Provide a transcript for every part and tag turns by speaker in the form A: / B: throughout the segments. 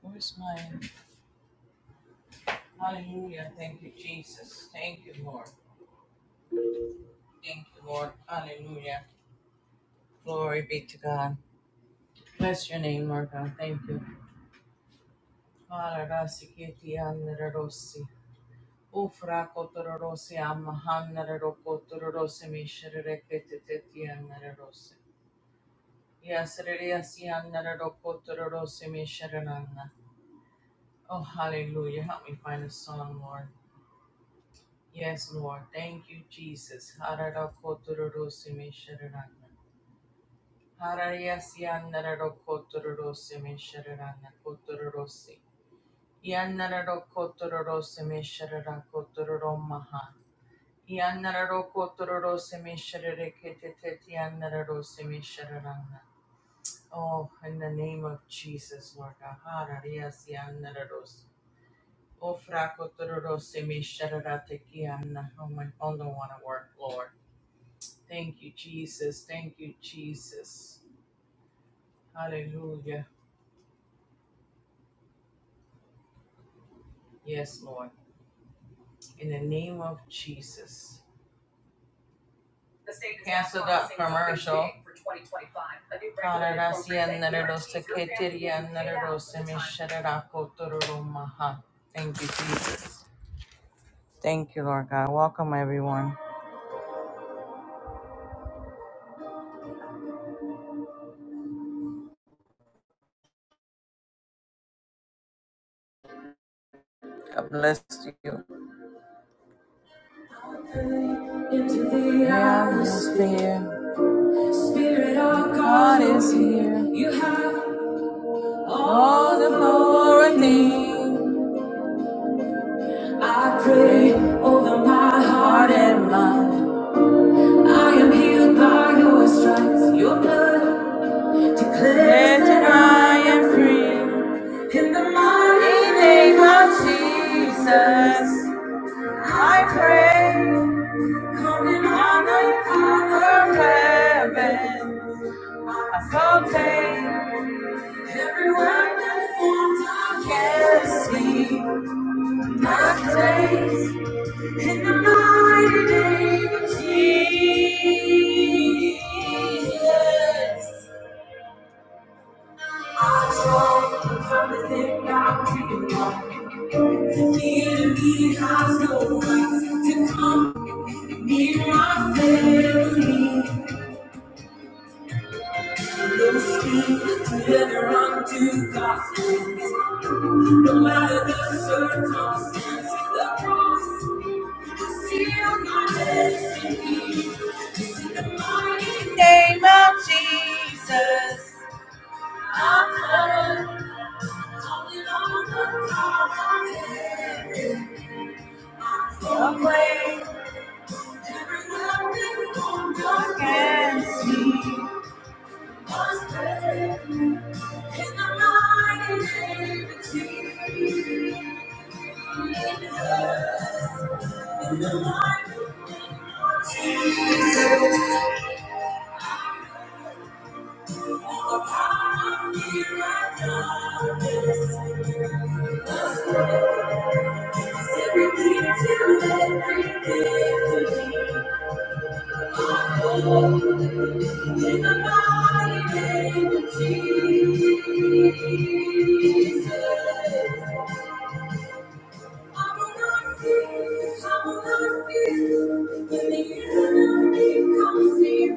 A: Where's mine? Hallelujah. Thank you, Jesus. Thank you, Lord. Thank you, Lord. Hallelujah. Glory be to God. Bless your name, Lord God. Thank you. Mararasikitianararosi. Ufrakotorosi amahanararokotorosi mishirereketetianararosi. Yasiririasianararokotorosi mishiranana. Oh, hallelujah. Help me find a song, Lord. Yes, Lord. Thank you, Jesus. Hararakotororosime sharanana. Harariasianararokotororosime sharanana kotororosi. Ianararokotororosime sharanakotoromaha. Ianararokotororosime sharareketetetianararosime sharanana. Oh, in the name of Jesus, Lord. Harariasianararos. Oh, frakotororosime shararatekiana. Oh, my, oh, no, want to work, Lord. Thank you, Jesus. Thank you, Jesus. Hallelujah. Yes, Lord. In the name of Jesus. Shararakotororomaha. Thank you, Jesus. Thank you, Lord God. Welcome, everyone. God bless you. The atmosphere. God is here. You all the glory thing. My heart and mind. Let and I am free. In the mighty name of Jesus. I pray, coming on the conquer heaven. I felt pain. Every weapon formed against me, my praise in the mighty name of Jesus. I tried from the thing I dreamed of. The enemy has no right to come near my family. No scheme to ever undo God's plans. No matter the circumstance, the cross is still my destiny. It's in the mighty name of God. Calling on the power of heaven. The way every weapon formed against me must break. In the mighty name of Jesus. In the mighty name of mighty Jesus. I will not fear, I will not fear, when the enemy comes near.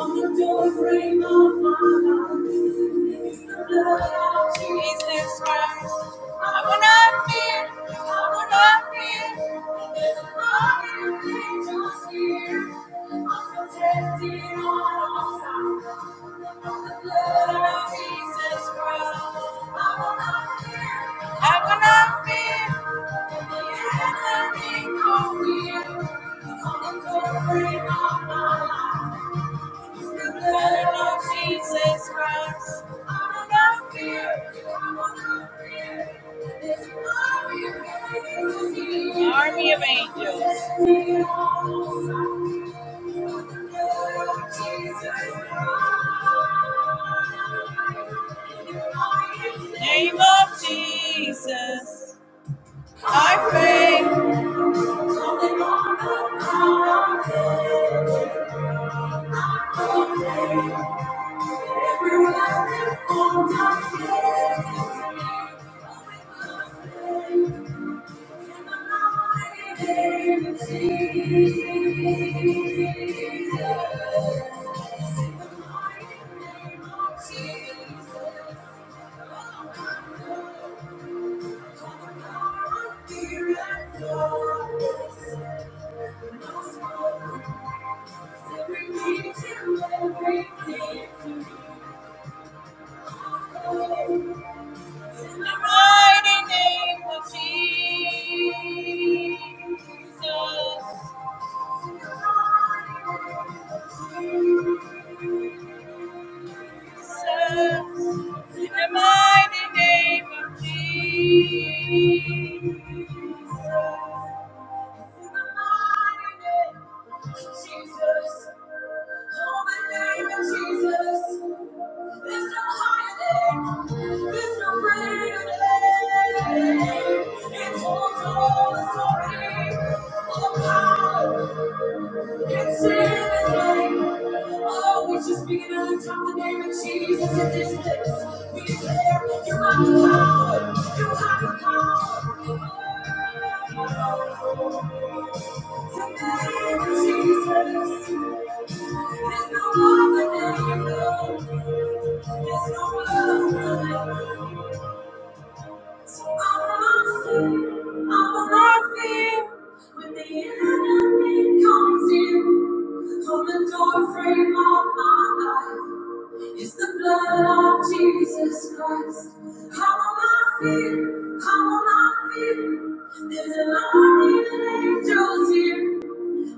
A: On the doorframe of my life is the blood of Jesus Christ. I will not fear, I will not fear, there's an army of angels here. I'm protected on all sides. I will not fear. Jesus Christ, I will not fear. I will not fear. Army of angels. Name of Jesus, I pray. In the mighty name of Jesus. Jesus in this place, we declare you have the power, you have the power. Jesus Christ, how will I feel? How will I feel? There's an army of angels here.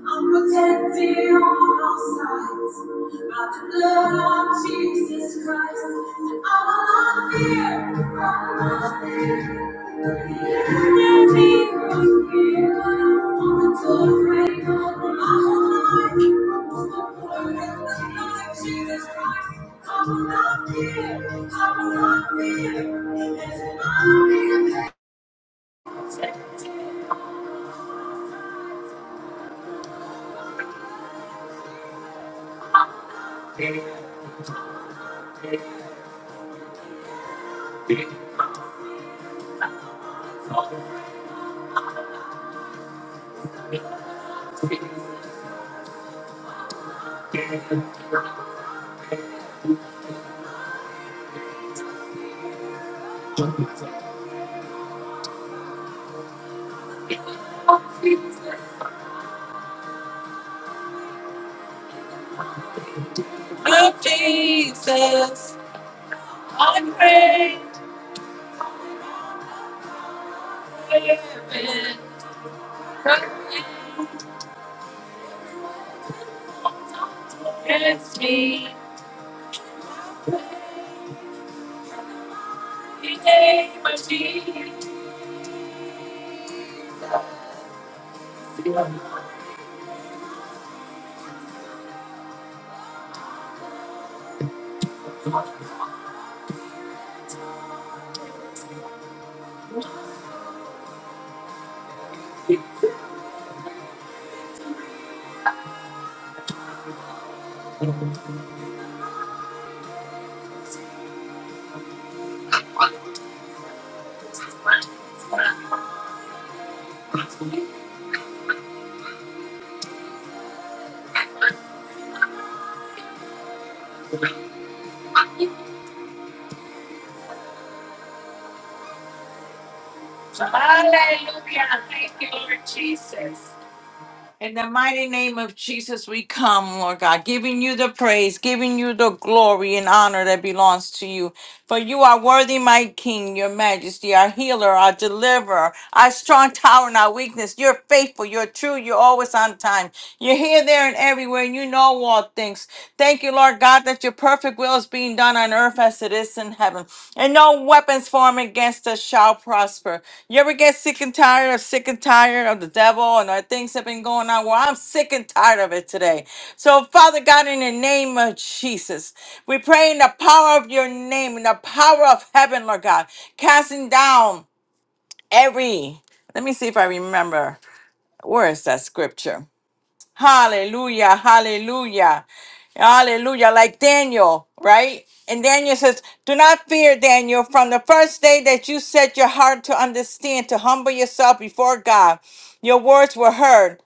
A: I'm protected on all sides by the blood of Jesus Christ. And I will not fear, I will not fear. The enemy will fear. On the doorframe of my whole life, with the blood of Jesus Christ, I will not fear, I will not fear. It's my fear. Protected, protected, protected. Lord Jesus, I'm craving against me. In the name of Jesus. Hallelujah. Thank you, Lord Jesus. In the mighty name of Jesus, we come, Lord God, giving you the praise, giving you the glory and honor that belongs to you. For you are worthy, my King, your majesty, our healer, our deliverer, our strong tower and our weakness. You're faithful, you're true, you're always on time. You're here, there, and everywhere, and you know all things. Thank you, Lord God, that your perfect will is being done on earth as it is in heaven. And no weapons formed against us shall prosper. You ever get sick and tired of sick and tired of the devil and the things that have been going on? Well, I'm sick and tired of it today. So, Father God, in the name of Jesus, we pray in the power of your name, in the power of heaven, Lord God, casting down every. Let me see if I remember. Where is that scripture? Hallelujah. Hallelujah. Hallelujah. Like Daniel, right? And Daniel says, Do not fear, Daniel. From the first day that you set your heart to understand, to humble yourself before God, your words were heard.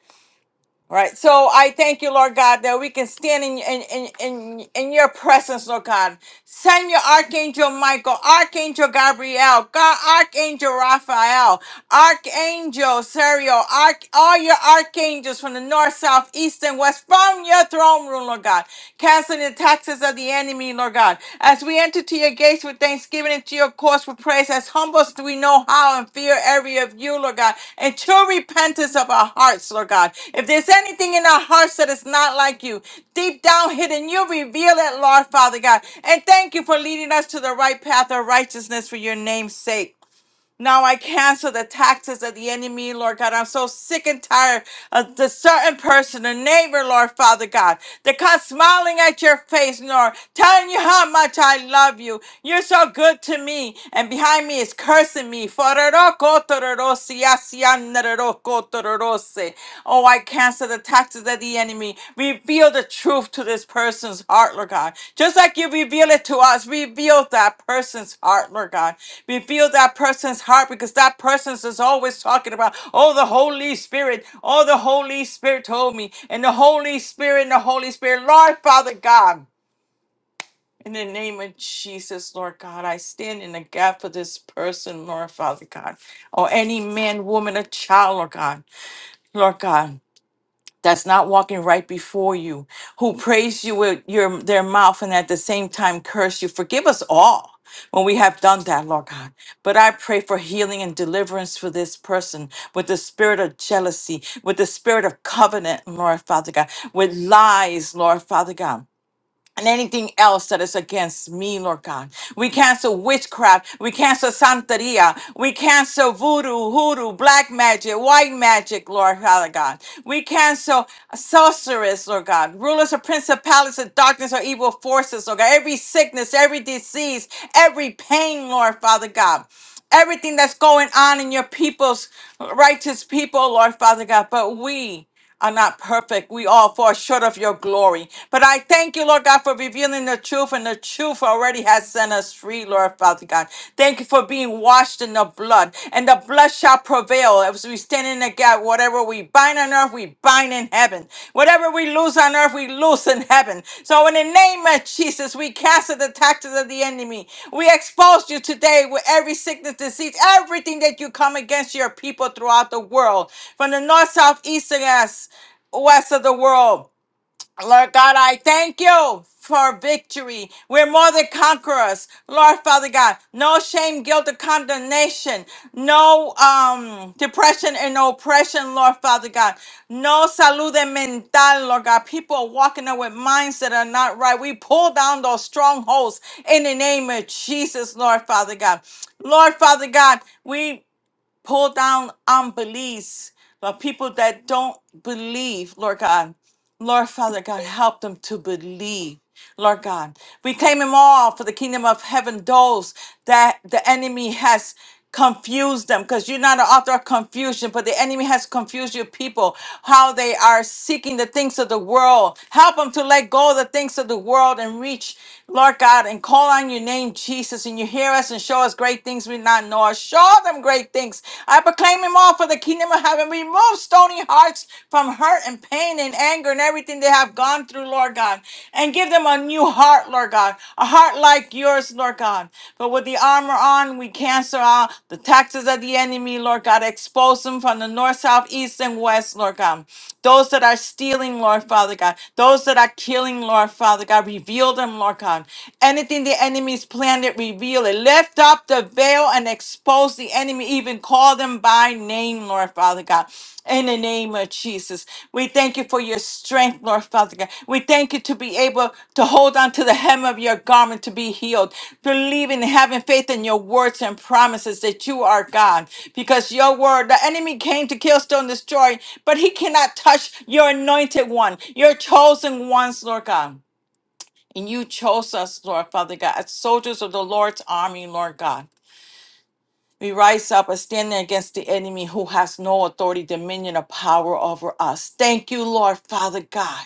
A: All right. So I thank you, Lord God, that we can stand in in in in, in your presence, Lord God. Send your archangel Michael, archangel Gabriel, God, archangel Raphael, archangel Serial, arch, all your archangels from the north, south, east, and west from your throne room, Lord God. Canceling the taxes of the enemy, Lord God. As we enter to your gates with thanksgiving and to your courts with praise, as humble as we know how and fear every of you, Lord God, and true repentance of our hearts, Lord God. If there's anything in our hearts that is not like you, deep down hidden, you reveal it, Lord Father God. And thank you for leading us to the right path of righteousness for your name's sake. Now I cancel the taxes of the enemy, Lord God. I'm so sick and tired of the certain person, a neighbor, Lord Father God, that comes smiling at your face, Lord, telling you how much I love you. You're so good to me. And behind me is cursing me. Oh, I cancel the taxes of the enemy. Reveal the truth to this person's heart, Lord God. Just like you reveal it to us, reveal that person's heart, Lord God. Reveal that person's heart because that person is always talking about, oh, the Holy Spirit, oh, the Holy Spirit told me, and the Holy Spirit, and the Holy Spirit. Lord, Father God, in the name of Jesus, Lord God, I stand in the gap for this person, Lord, Father God, or any man, woman, or child, Lord God, Lord God that's not walking right before you, who praise you with your their mouth and at the same time curse you. Forgive us all when we have done that, Lord God. But I pray for healing and deliverance for this person with the spirit of jealousy, with the spirit of covenant, Lord Father God, with lies, Lord Father God and anything else that is against me, Lord God. We cancel witchcraft. We cancel Santeria. We cancel voodoo, hoodoo, black magic, white magic, Lord Father God. We cancel sorceress, Lord God. Rulers of principalities of darkness or evil forces, Lord God. Every sickness, every disease, every pain, Lord Father God everything that's going on in your people's righteous people, Lord Father God. But we are not perfect. We all fall short of your glory. But I thank you, Lord God, for revealing the truth, and the truth already has set us free, Lord Father God. Thank you for being washed in the blood, and the blood shall prevail as we stand in the gap. Whatever we bind on earth, we bind bind in heaven. Whatever we lose on earth, we lose in heaven. So in the name of Jesus, we cancel the tactics of the enemy. We expose you today with every sickness, disease, everything that you come against your people throughout the world, from the north, south, east, and west, west of the world. Lord God, I thank you for victory. We're more than conquerors. Lord Father God, no shame, guilt, or condemnation, no um depression and oppression, Lord Father God. No salud mental, Lord God. People are walking up with minds that are not right. We pull down those strongholds in the name of Jesus, Lord Father God. Lord Father God, we pull down unbeliefs, the people that don't believe, Lord God. Lord Father God, help them to believe. Lord God, we claim them all for the kingdom of heaven, those that the enemy has confused them because you're not an author of confusion, but the enemy has confused your people, how they are seeking the things of the world. Help them to let go of the things of the world and reach, Lord God, and call on your name, Jesus, and you hear us and show us great things we not know. Show them great things. I proclaim them all God for the kingdom of heaven. Remove stony hearts from hurt and pain and anger and everything they have gone through, Lord God. And give them a new heart, Lord God. A heart like yours, Lord God. But with the armor on, we cancel out the taxes of the enemy, Lord God. Expose them from the north, south, east, and west, Lord God. Those that are stealing, Lord Father God. Those that are killing, Lord Father God. Reveal them, Lord God. Anything the enemy's planned, it reveal it lift up the veil and expose the enemy, even call them by name, Lord Father God. In the name of Jesus, we thank you for your strength, Lord Father God. We thank you to be able to hold on to the hem of your garment to be healed, believing and having faith in your words and promises that you are God. Because your word, the enemy came to kill, steal, and destroy, but he cannot touch your anointed one, your chosen ones, Lord God. And you chose us, Lord Father God, as soldiers of the Lord's army, Lord God. We rise up and stand against the enemy who has no authority, dominion, or power over us. Thank you, Lord Father God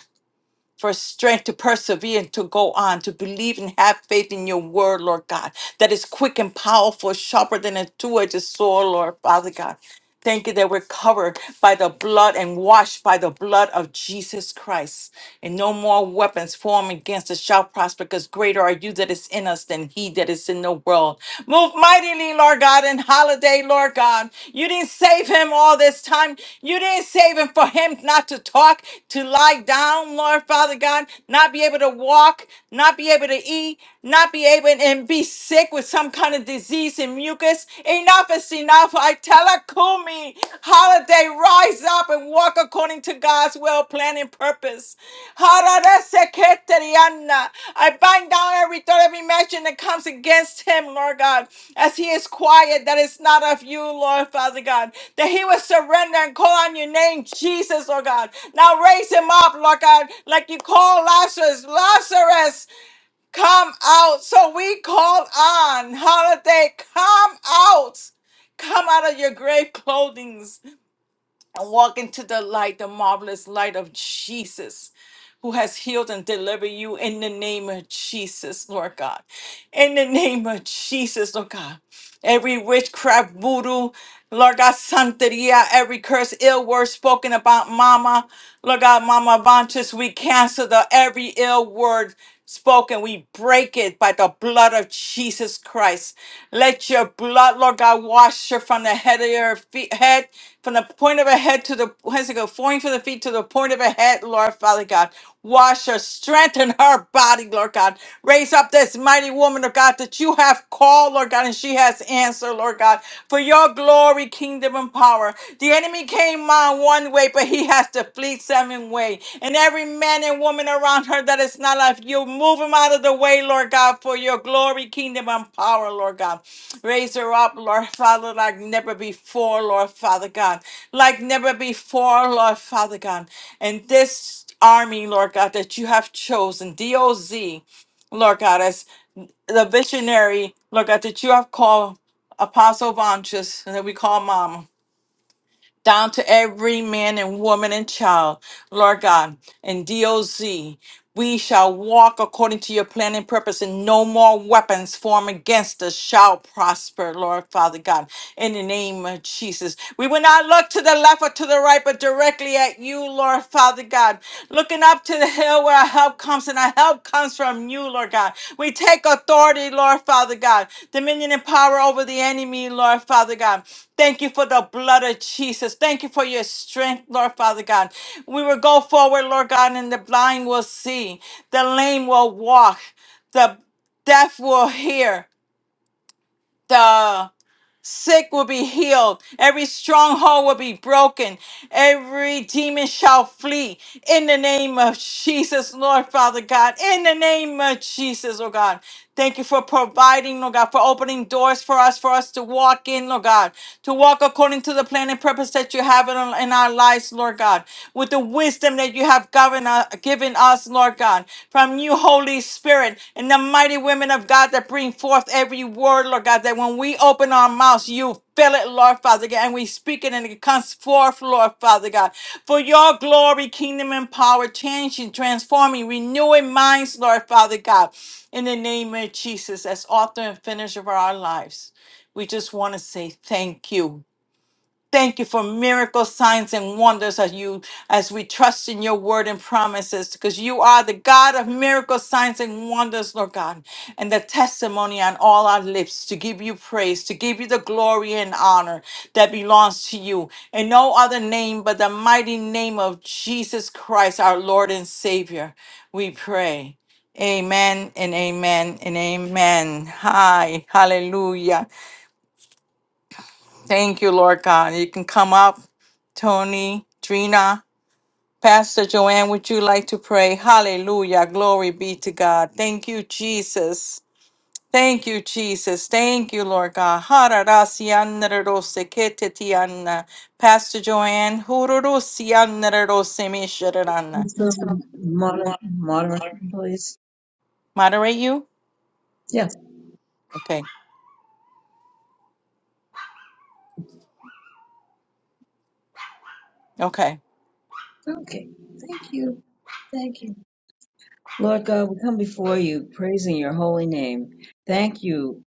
A: for strength to persevere and to go on, to believe and have faith in your word, Lord God, that is quick and powerful, sharper than a two edged sword, Lord Father God. Thank you that we're covered by the blood and washed by the blood of Jesus Christ. And no more weapons formed against us shall prosper, because greater are you that is in us than he that is in the world. Move mightily, Lord God, in and holiday, Lord God. You didn't save him all this time. You didn't save him for him not to talk, to lie down, Lord Father God, not be able to walk, not be able to eat, not be able and be sick with some kind of disease and mucus. Enough is enough. I tell her, Kumi, holiday, rise up and walk according to God's will, plan, and purpose. Hararaseketeriana. I bind down every thought, every imagine that comes against him, Lord God, as he is quiet, that is not of you, Lord Father God, that he will surrender and call on your name, Jesus, Lord God. Now raise him up, Lord God, like you call Lazarus, Lazarus, come out. So we call on holiday, come out. Come out of your grave clothing and walk into the light, the marvelous light of Jesus, who has healed and delivered you in the name of Jesus, Lord God. In the name of Jesus, Lord God. Every witchcraft, voodoo, Lord God, santeria, every curse, ill word spoken about Mama, Lord God, Mama Vantas, we cancel the every ill word spoken. We break it by the blood of Jesus Christ. Let your blood, Lord God, wash her from the head of her feet, head, from the point of her head to the where's it go? Point from the feet to the point of her head, Lord Father God. Wash her, strengthen her body, Lord God. Raise up this mighty woman of God that you have called, Lord God, and she has answered, Lord God for your glory, kingdom, and power. The enemy came on one way, but he has to flee seven way. And every man and woman around her that is not like you, move him out of the way, Lord God, for your glory, kingdom, and power, Lord God. Raise her up, Lord Father, like never before, Lord Father God. Like never before, Lord Father God. And this army, Lord God, that you have chosen, DOZ, Lord God, the visionary, look at that you have called Apostle Vontus, and that we call Mama down to every man and woman and child, Lord God, and DOZ. We shall walk according to your plan and purpose, and no more weapons formed against us shall prosper, Lord Father God, in the name of Jesus. We will not look to the left or to the right, but directly at you, Lord Father God, looking up to the hill where our help comes, and our help comes from you, Lord God. We take authority, Lord Father God, dominion and power over the enemy, Lord Father God. Thank you for the blood of Jesus. Thank you for your strength, Lord Father God. We will go forward, Lord God, and the blind will see, the lame will walk, the deaf will hear, The sick will be healed, every stronghold will be broken, every demon shall flee in the name of Jesus, Lord Father God, in the name of Jesus, oh God. Thank you for providing, Lord God, for opening doors for us, for us to walk in, Lord God, to walk according to the plan and purpose that you have in, in our lives, Lord God with the wisdom that you have given us, given us, Lord God, from you, Holy Spirit, and the mighty women of God that bring forth every word, Lord God, that when we open our mouths, you fill it, Lord Father God, and we speak it and it comes forth, Lord Father God. For your glory, kingdom, and power, changing, transforming, renewing minds, Lord Father God, in the name of Jesus, as author and finisher of our lives. We just want to say thank you. Thank you for miracles, signs, and wonders as you as we trust in your word and promises, because you are the God of miracles, signs, and wonders, Lord God, and the testimony on all our lips to give you praise, to give you the glory and honor that belongs to you, in no other name but the mighty name of Jesus Christ, our Lord and Savior. We pray. Amen and amen and amen. Hi, hallelujah. Thank you, Lord God. You can come up, Tony, Trina, Pastor Joanne. Would you like to pray? Hallelujah. Glory be to God. Thank you, Jesus. Thank you, Jesus. Thank you, Lord God. Hararasiannaroseketetianna. Pastor Joanne. hururusiyannarorosemishiranna.
B: Mr. Moder- Moderator, please.
A: Moderate you?
B: Yeah.
A: Okay. Okay.
B: Okay. Thank you. Thank you. Lord God, we come before you praising your holy name. Thank you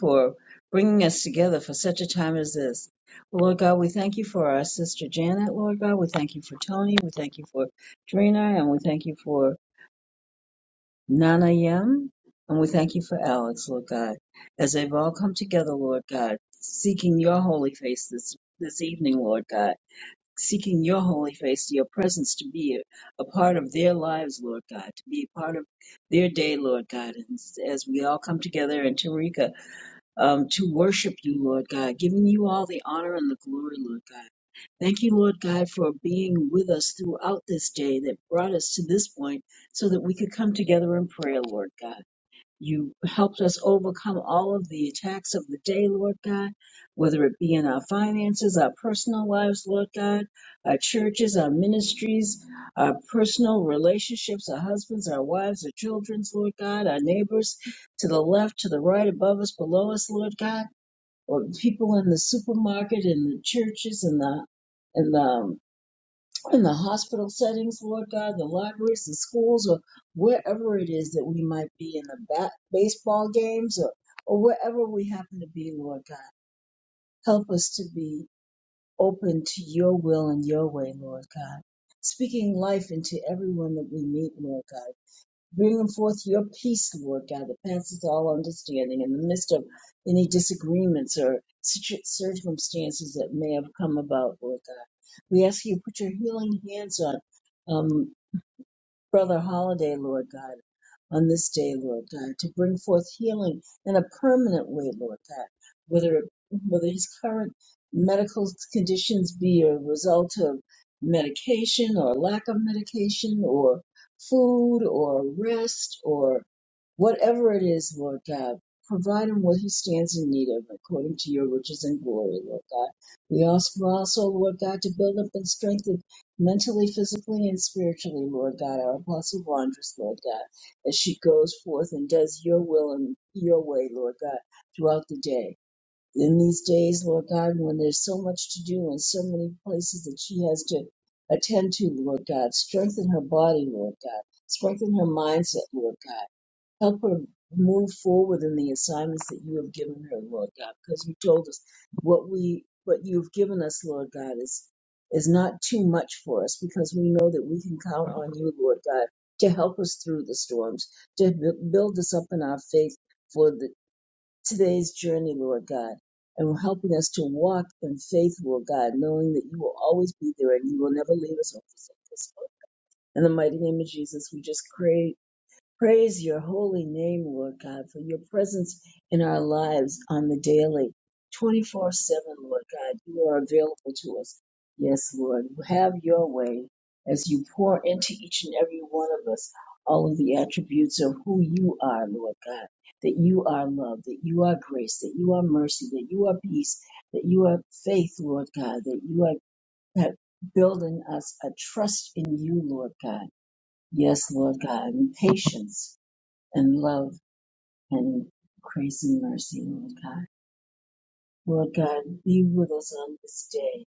B: for bringing us together for such a time as this. Lord God, we thank you for our sister Janet, Lord God. We thank you for Tony. We thank you for Drina. And we thank you for Nana Yem. And we thank you for Alex, Lord God, as they've all come together, Lord God, seeking your holy face this, this evening, Lord God. seeking your holy face, your presence to be a, a part of their lives, Lord God, to be a part of their day, Lord God, and s- as we all come together in Tarika um, to worship you, Lord God, giving you all the honor and the glory, Lord God. Thank you, Lord God, for being with us throughout this day that brought us to this point so that we could come together in prayer, Lord God. You helped us overcome all of the attacks of the day, Lord God, whether it be in our finances, our personal lives, Lord God, our churches, our ministries, our personal relationships, our husbands, our wives, our children's, Lord God, our neighbors to the left, to the right, above us, below us, Lord God, or people in the supermarket, in the churches, in the in the in the hospital settings, Lord God, the libraries, the schools, or wherever it is that we might be in the bat- baseball games or, or wherever we happen to be, Lord God. Help us to be open to your will and your way, Lord God. Speaking life into everyone that we meet, Lord God Bring forth your peace, Lord God, that passes all understanding in the midst of any disagreements or situ- circumstances that may have come about, Lord God. We ask you to put your healing hands on. um, Brother Holiday, Lord God, on this day, Lord God, to bring forth healing in a permanent way, Lord God, whether whether his current medical conditions be a result of medication or lack of medication or food or rest or whatever it is, Lord God, provide him what he stands in need of according to your riches and glory, Lord God. We ask also, Lord God, to build up and strengthen mentally, physically, and spiritually, Lord God. Our apostle wanderess, Lord God, as she goes forth and does your will and your way, Lord God, throughout the day. In these days, Lord God, when there's so much to do and so many places that she has to attend to, Lord God, strengthen her body, Lord God, strengthen her mindset, Lord God. Help her move forward in the assignments that you have given her, Lord God, because you told us what we what you've given us, Lord God, is is not too much for us because we know that we can count on you, Lord God, to help us through the storms, to bu- build us up in our faith for the today's journey, Lord God, and helping us to walk in faith, Lord God, knowing that you will always be there and you will never leave us or forsake us. In the mighty name of Jesus, we just pray Praise your holy name, Lord God, for your presence in our lives on the daily, 24 7, Lord God. You are available to us. Yes, Lord. Have your way as you pour into each and every one of us all of the attributes of who you are, Lord God. That you are love, that you are grace, that you are mercy, that you are peace, that you are faith, Lord God, that you are that building us a trust in you, Lord God. Yes, Lord God, and patience and love and grace and mercy, Lord God. Lord God, be with us on this day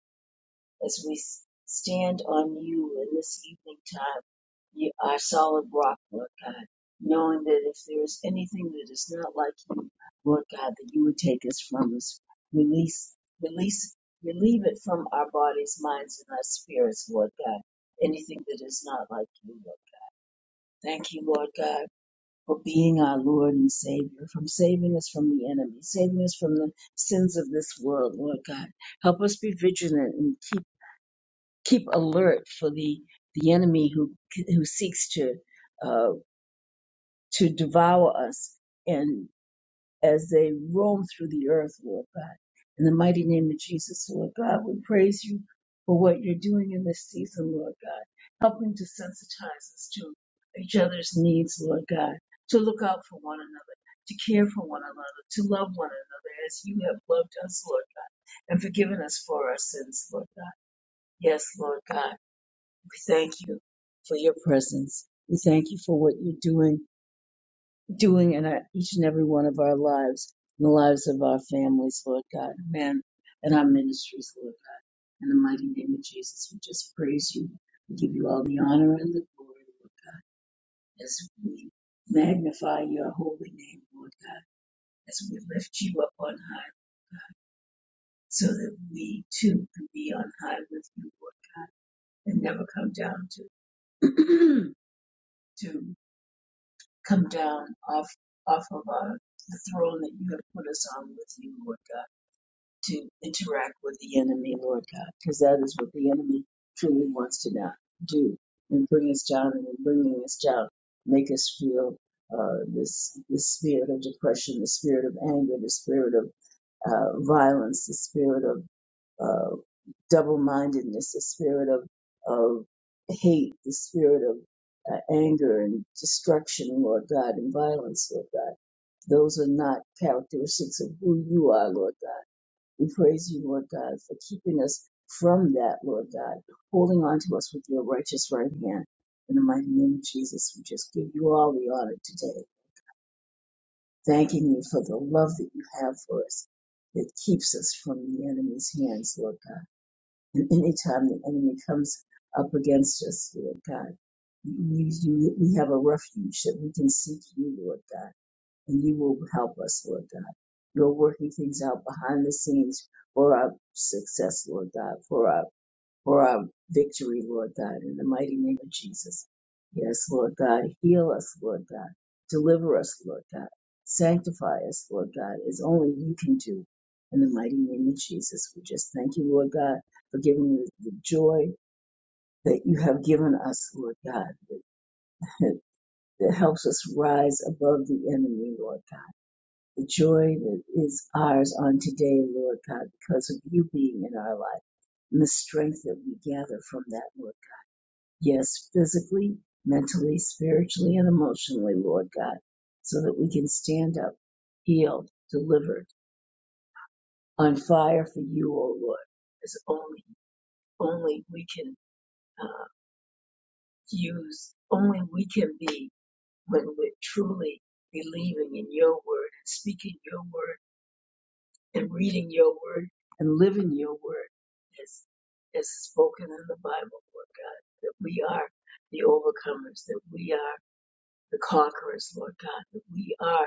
B: as we s- stand on you in this evening time, you, our solid rock, Lord God, knowing that if there is anything that is not like you, Lord God, that you would take us from us, release, release, relieve it from our bodies, minds, and our spirits, Lord God. Anything that is not like you, Lord. Thank you, Lord God for being our Lord and Savior, from saving us from the enemy, saving us from the sins of this world, Lord God. Help us be vigilant and keep keep alert for the the enemy who who seeks to uh, to devour us. and as they roam through the earth, Lord God. In the mighty name of Jesus, Lord God, we praise you for what you're doing in this season, Lord God, helping to sensitize us to each other's needs, Lord God, to look out for one another, to care for one another, to love one another as you have loved us, Lord, God, and forgiven us for our sins, Lord God. Yes, Lord God, we thank you for your presence. We thank you for what you're doing doing in our, each and every one of our lives, in the lives of our families, Lord God, amen, and our ministries, Lord God. In the mighty name of Jesus, we just praise you. We give you all the honor and the glory, Lord God, as we magnify your holy name, Lord God, as we lift you up on high, so that we too can be on high with you, Lord, and never come down to to come down off off of our the throne that you have put us on with you, Lord God. to interact with the enemy, Lord God, because that is what the enemy truly wants to not do and bring us down and in bringing us down, make us feel uh, this the spirit of depression, the spirit of anger, the spirit of uh, violence, the spirit of uh, double-mindedness, the spirit of of hate, the spirit of uh, anger and destruction, Lord God, and violence, Lord God. Those are not characteristics of who you are, Lord God we praise you, Lord God, for keeping us from that, Lord God, holding on to us with your righteous right hand. In the mighty name of Jesus, we just give you all the honor today, thanking you for the love that you have for us that keeps us from the enemy's hands, Lord God. And anytime the enemy comes up against us, Lord God, you, you, we have a refuge that we can seek you, Lord God and you will help us, Lord God. You're working things out behind the scenes for our success, Lord God, for our for our victory, Lord God, in the mighty name of Jesus. Yes, Lord God, heal us, Lord God, deliver us, Lord God, sanctify us, Lord God, as only you can do. In the mighty name of Jesus, we just thank you, Lord God, for giving us the joy that you have given us, Lord God, that helps us rise above the enemy, Lord God the joy that is ours on today, Lord God, because of you being in our life and the strength that we gather from that, Lord. Yes, physically, mentally, spiritually, and emotionally, Lord God, so that we can stand up, healed, delivered, on fire for you, O Lord, as only, only we can uh, use, only we can be when we're truly believing in your word and speaking your word and reading your word and living your word as, as spoken in the Bible, Lord God, that we are the overcomers, that we are the conquerors, Lord God, that we are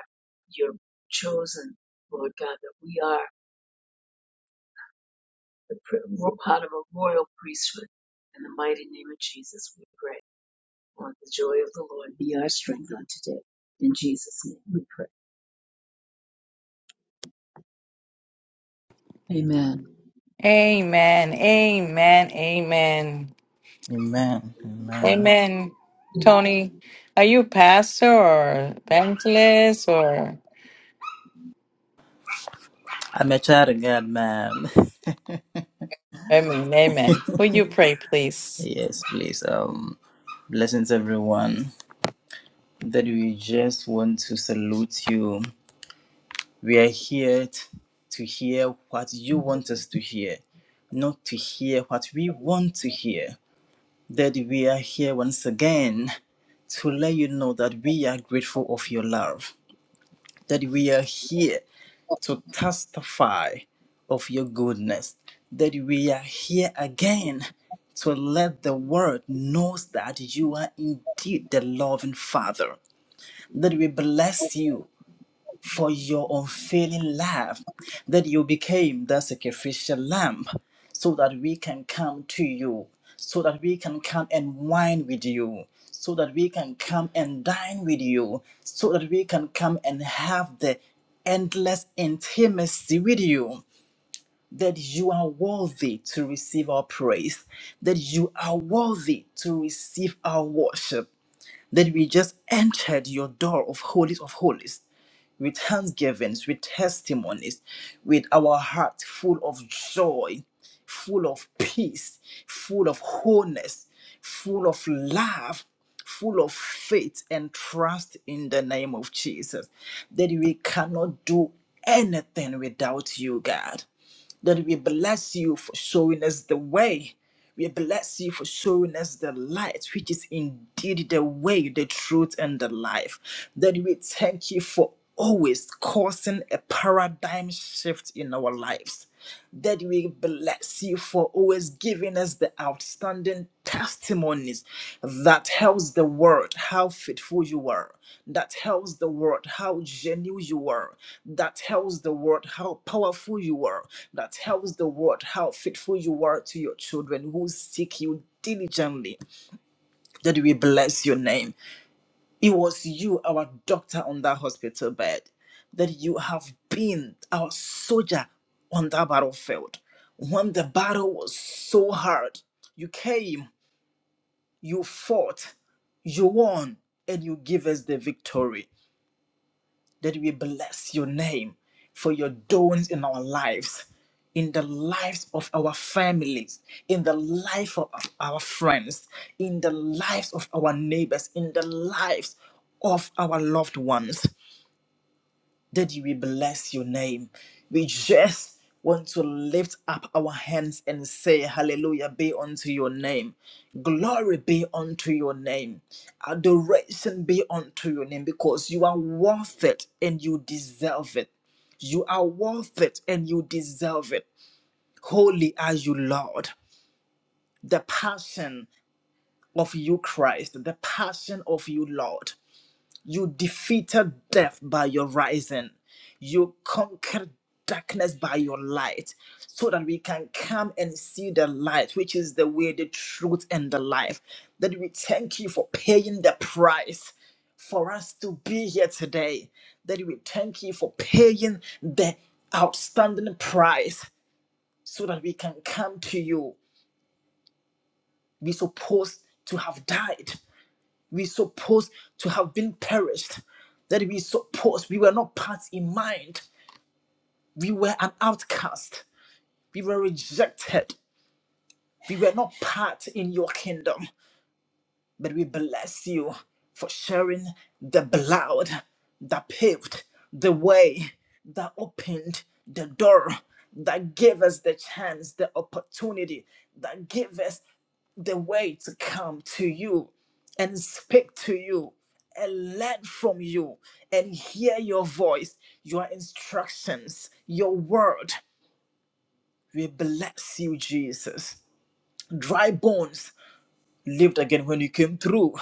B: your chosen, Lord God, that we are the pr- we're part of a royal priesthood. In the mighty name of Jesus, we pray. On the joy of the Lord be our strength on today. In Jesus' name we pray. Amen.
A: Amen. Amen. Amen.
C: Amen. Amen.
A: Amen. Tony, are you a pastor or evangelist or
C: I'm a child of God, ma'am.
A: amen, amen. Will you pray, please?
C: yes, please. Um, blessings, everyone. That we just want to salute you. We are here t- to hear what you want us to hear, not to hear what we want to hear. That we are here once again to let you know that we are grateful of your love. That we are here to testify of your goodness, that we are here again to let the world knows that you are indeed the loving Father, that we bless you for your unfailing love, that you became the sacrificial lamb, so that we can come to you, so that we can come and wine with you, so that we can come and dine with you, so that we can come and have the endless intimacy with you. That you are worthy to receive our praise, that you are worthy to receive our worship, that we just entered your door of holies of holies with thanksgivings, with testimonies, with our heart full of joy, full of peace, full of wholeness, full of love, full of faith and trust in the name of Jesus, that we cannot do anything without you, God. Lord, we bless you for showing us the way. We bless you for showing us the light, which is indeed the way, the truth, and the life. That we thank you for always causing a paradigm shift in our lives. That we bless you for always giving us the outstanding testimonies that tells the world how faithful you were, that tells the world how genuine you were, that tells the world how powerful you were, that tells the world how faithful you were to your children who seek you diligently. That we bless your name. It was you, our doctor on that hospital bed, that you have been our soldier on that battlefield. When the battle was so hard, you came, you fought, you won, and you give us the victory that we bless your name for your doings in our lives, in the lives of our families, in the life of our friends, in the lives of our neighbors, in the lives of our loved ones. Daddy, we bless your name. We just want to lift up our hands and say, Hallelujah be unto your name. Glory be unto your name. Adoration be unto your name because you are worth it and you deserve it. You are worth it and you deserve it. Holy are you, Lord. The passion of you, Christ. The passion of you, Lord. You defeated death by your rising. You conquered darkness by your light so that we can come and see the light, which is the way, the truth, and the life. That we thank you for paying the price for us to be here today. That we thank you for paying the outstanding price so that we can come to you. we supposed to have died we supposed to have been perished, that we supposed we were not part in mind. We were an outcast. We were rejected. We were not part in your kingdom. But we bless you for sharing the blood that paved the way, that opened the door, that gave us the chance, the opportunity, that gave us the way to come to you and speak to you and learn from you and hear your voice, your instructions, your word. We bless you, Jesus. Dry bones lived again when you came through.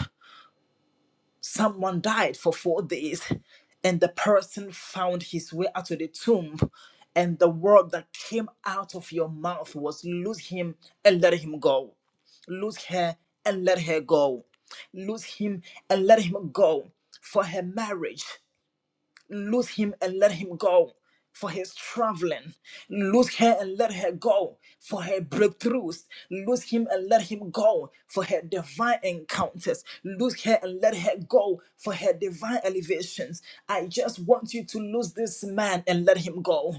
C: someone died for four days and the person found his way out of the tomb and the word that came out of your mouth was lose him and let him go lose her and let her go lose him and let him go for her marriage lose him and let him go for his traveling. Lose her and let her go for her breakthroughs. Lose him and let him go for her divine encounters. Lose her and let her go for her divine elevations. I just want you to lose this man and let him go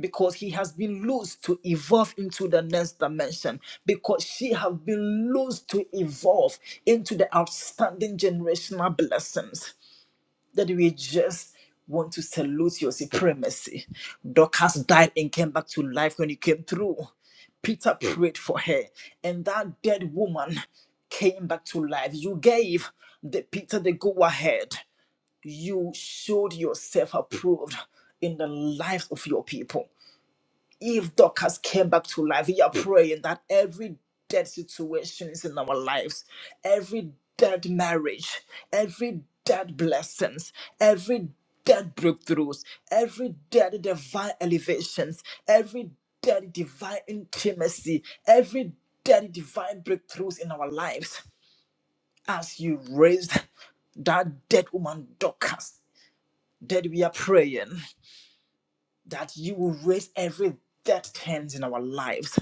C: because he has been loose to evolve into the next dimension because she has been loose to evolve into the outstanding generational blessings that we just want to salute your supremacy. Dorcas died and came back to life when you came through. Peter prayed for her, and that dead woman came back to life. You gave the Peter the go ahead. You showed yourself approved in the lives of your people if Dorcas came back to life, we are praying that every dead situation is in our lives, every dead marriage, every dead blessings, every dead breakthroughs, every dead divine elevations, every dead divine intimacy, every dead divine breakthroughs in our lives, as you raised that dead woman Dorcas, that we are praying that you will raise every dead hands in our lives,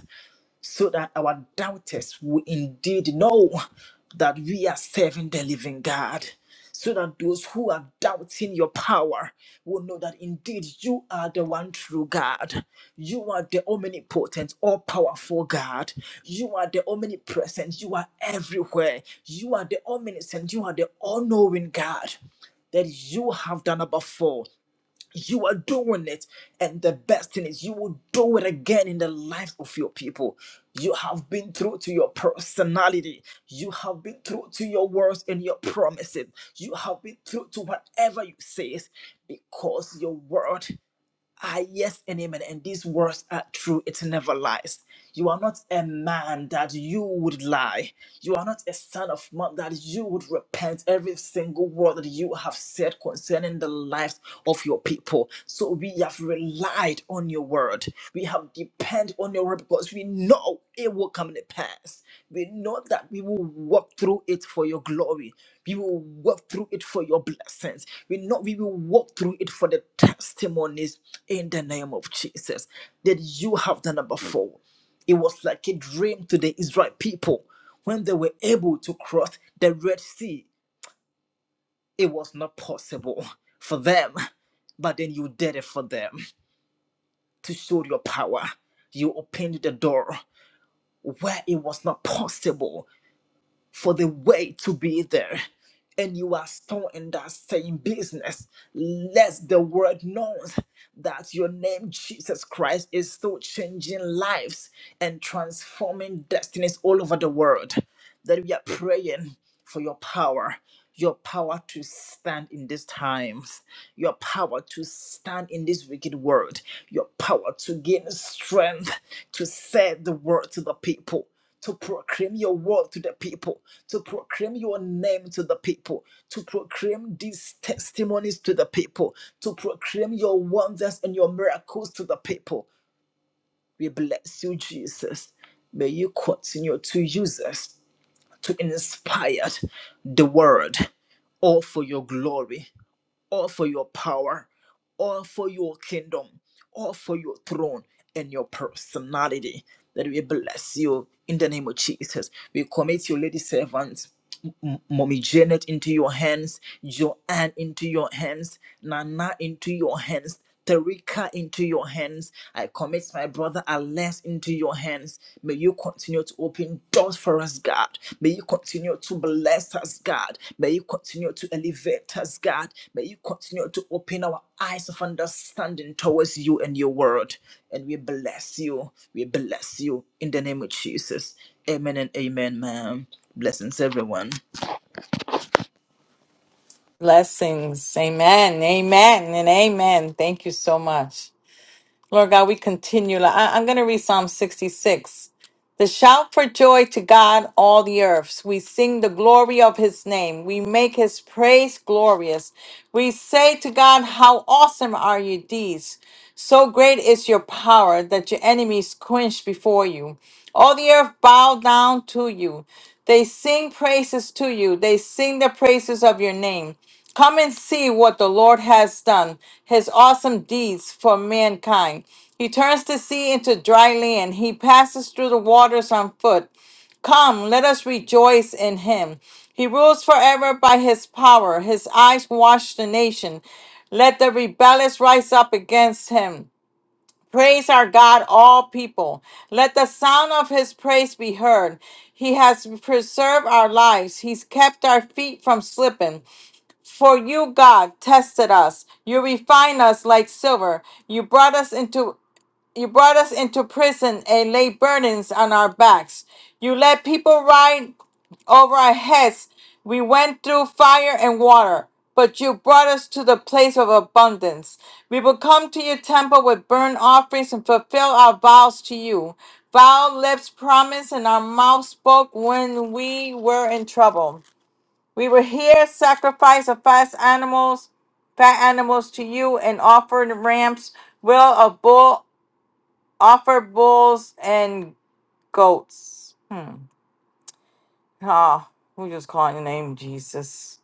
C: so that our doubters will indeed know that we are serving the living God. So that those who are doubting your power will know that indeed you are the one true God. You are the omnipotent, all powerful God. You are the omnipresent. You are everywhere. You are the omniscient. You are the all knowing God that you have done above you are doing it and the best thing is you will do it again in the life of your people you have been true to your personality you have been true to your words and your promises you have been true to whatever you say because your word Ah, yes and amen. And these words are true. It never lies. You are not a man that you would lie. You are not a son of man that you would repent every single word that you have said concerning the lives of your people. So we have relied on your word. We have depended on your word because we know it will come to pass. We know that we will walk through it for your glory. We will walk through it for your blessings. We know we will walk through it for the testimonies in the name of Jesus that you have done it before. It was like a dream to the Israel people when they were able to cross the Red Sea. It was not possible for them, but then you did it for them to show your power. You opened the door where it was not possible. for the way to be there. And you are still in that same business. Let the world know that your name, Jesus Christ, is still changing lives and transforming destinies all over the world that we are praying for your power, your power to stand in these times, your power to stand in this wicked world, your power to gain strength to say the word to the people. To proclaim your word to the people, to proclaim your name to the people, to proclaim these testimonies to the people, to proclaim your wonders and your miracles to the people. We bless you, Jesus. May you continue to use us to inspire the world, all for your glory, all for your power, all for your kingdom, all for your throne and your personality. That we bless you in the name of Jesus. We commit your lady servants Mommy Janet into your hands, Joanne into your hands, Nana into your hands, Terika into your hands. I commit my brother Alex into your hands. May you continue to open doors for us, God. May you continue to bless us, God. May you continue to elevate us, God. May you continue to open our eyes of understanding towards you and your word. And we bless you. We bless you in the name of Jesus. Amen and amen, ma'am. Blessings, everyone.
A: Blessings. Amen. Amen. And amen. Thank you so much. Lord God, we continue. Like, I, I'm going to read Psalm 66. The shout for joy to God, all the earths. We sing the glory of his name. We make his praise glorious. We say to God, How awesome are your deeds! So great is your power that your enemies quench before you. All the earth bow down to you. They sing praises to you. They sing the praises of your name. Come and see what the Lord has done, his awesome deeds for mankind. He turns the sea into dry land. He passes through the waters on foot. Come, let us rejoice in him. He rules forever by his power. His eyes watch the nation. Let the rebellious rise up against him. Praise our God, all people. Let the sound of his praise be heard. He has preserved our lives. He's kept our feet from slipping. For you, God, tested us. You refined us like silver. You brought us into you brought us into prison and laid burdens on our backs. You let people ride over our heads. We went through fire and water, but you brought us to the place of abundance. We will come to your temple with burnt offerings and fulfill our vows to you. Vile lips promised, and our mouth spoke when we were in trouble. We were here, sacrifice of fast animals, fat animals to you, and offered ramps, will of bull Offer bulls and goats. Ah, we just calling the name Jesus.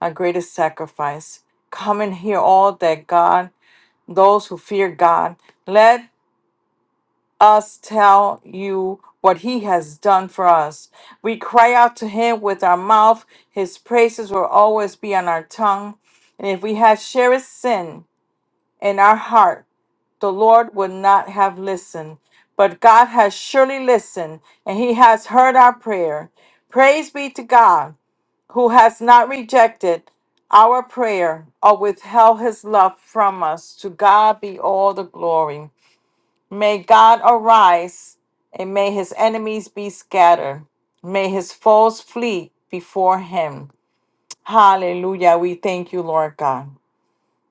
A: Our greatest sacrifice. Come and hear all that God, those who fear God. Let us tell you what he has done for us. We cry out to him with our mouth. His praises will always be on our tongue. And if we have cherished sin in our heart, the Lord would not have listened. But God has surely listened, and He has heard our prayer. Praise be to God, who has not rejected our prayer or withheld His love from us. To God be all the glory. May God arise, and may His enemies be scattered. May His foes flee before Him. Hallelujah. We thank you, Lord God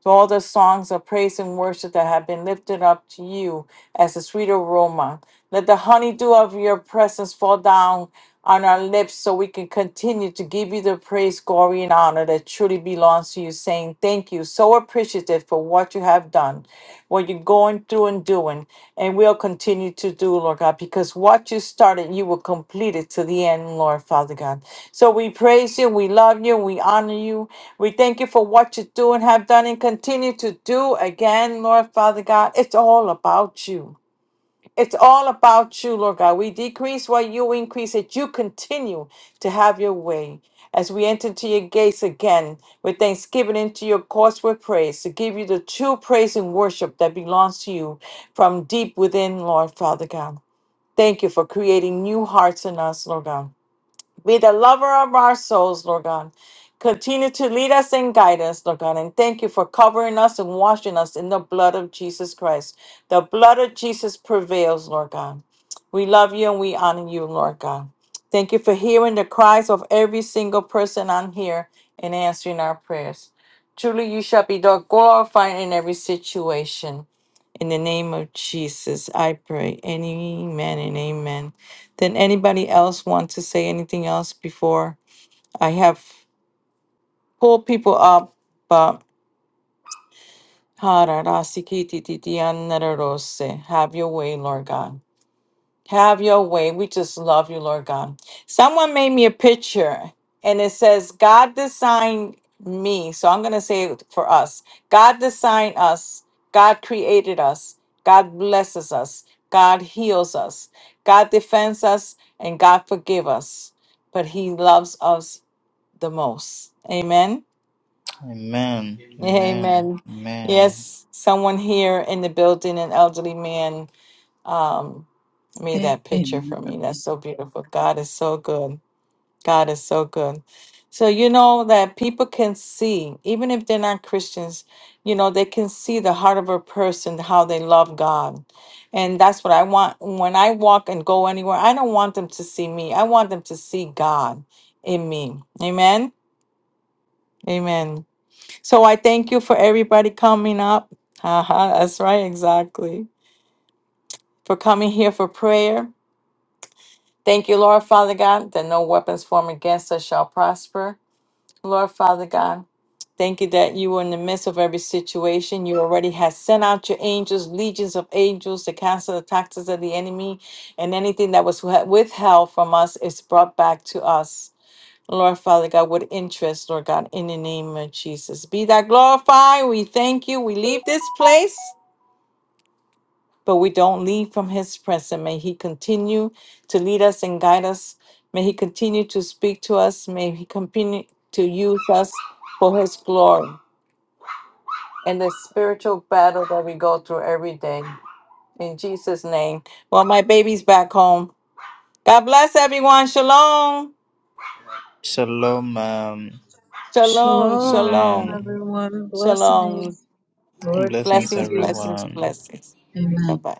A: to all the songs of praise and worship that have been lifted up to you as a sweet aroma. Let the honeydew of your presence fall down on our lips so we can continue to give you the praise, glory, and honor that truly belongs to you, saying thank you, so appreciative for what you have done, what you're going through and doing, and will continue to do, Lord God, because what you started, you will complete it to the end, Lord Father God. So we praise you, we love you, we honor you, we thank you for what you do and have done and continue to do again, Lord Father God. It's all about you. It's all about you, Lord God. We decrease while you increase, that you continue to have your way. As we enter into your gates again with thanksgiving, into your courts with praise, to give you the true praise and worship that belongs to you from deep within, Lord Father God. Thank you for creating new hearts in us, Lord God. Be the lover of our souls, Lord God. Continue to lead us and guide us, Lord God. And thank you for covering us and washing us in the blood of Jesus Christ. The blood of Jesus prevails, Lord God. We love you and we honor you, Lord God. Thank you for hearing the cries of every single person on here and answering our prayers. Truly, you shall be glorified in every situation. In the name of Jesus, I pray. Amen and amen. Then anybody else want to say anything else before I have? Pull people up, but Hararasikitikitianarose. have your way, Lord God. Have your way. We just love you, Lord God. Someone made me a picture and it says, God designed me. So I'm going to say it for us God designed us. God created us. God blesses us. God heals us. God defends us. And God forgive us. But He loves us the most. Amen.
C: Amen. Amen.
A: Amen.
C: Amen.
A: Yes, someone here in the building, an elderly man, um, made that picture for me.
B: Amen.
A: That's so beautiful. God is so good. God is so good. So you know that people can see, even if they're not Christians, you know, they can see the heart of a person, how they love God. And that's what I want when I walk and go anywhere. I don't want them to see me. I want them to see God in me. Amen. Amen. So I thank you for everybody coming up. Haha, that's right, exactly. For coming here for prayer. Thank you, Lord Father God, that no weapons formed against us shall prosper. Lord Father God, thank you that you are in the midst of every situation. You already have sent out your angels, legions of angels, to cancel the taxes of the enemy, and anything that was withheld from us is brought back to us. Lord Father God, with interest, Lord God, in the name of Jesus. Be that glorified. We thank you. We leave this place, but we don't leave from his presence. May he continue to lead us and guide us. May he continue to speak to us. May he continue to use us for his glory and the spiritual battle that we go through every day. In Jesus' name. Well, my baby's back home. God bless everyone. Shalom.
C: Shalom. Um,
A: Shalom.
B: Shalom,
A: Shalom.
C: amen.
B: everyone.
A: Shalom.
B: Blessings. Lord keep
C: Blessings,
A: Blessings,
B: you.
A: blessings,
C: everyone.
A: blessings.
B: Amen.
A: Bye bye.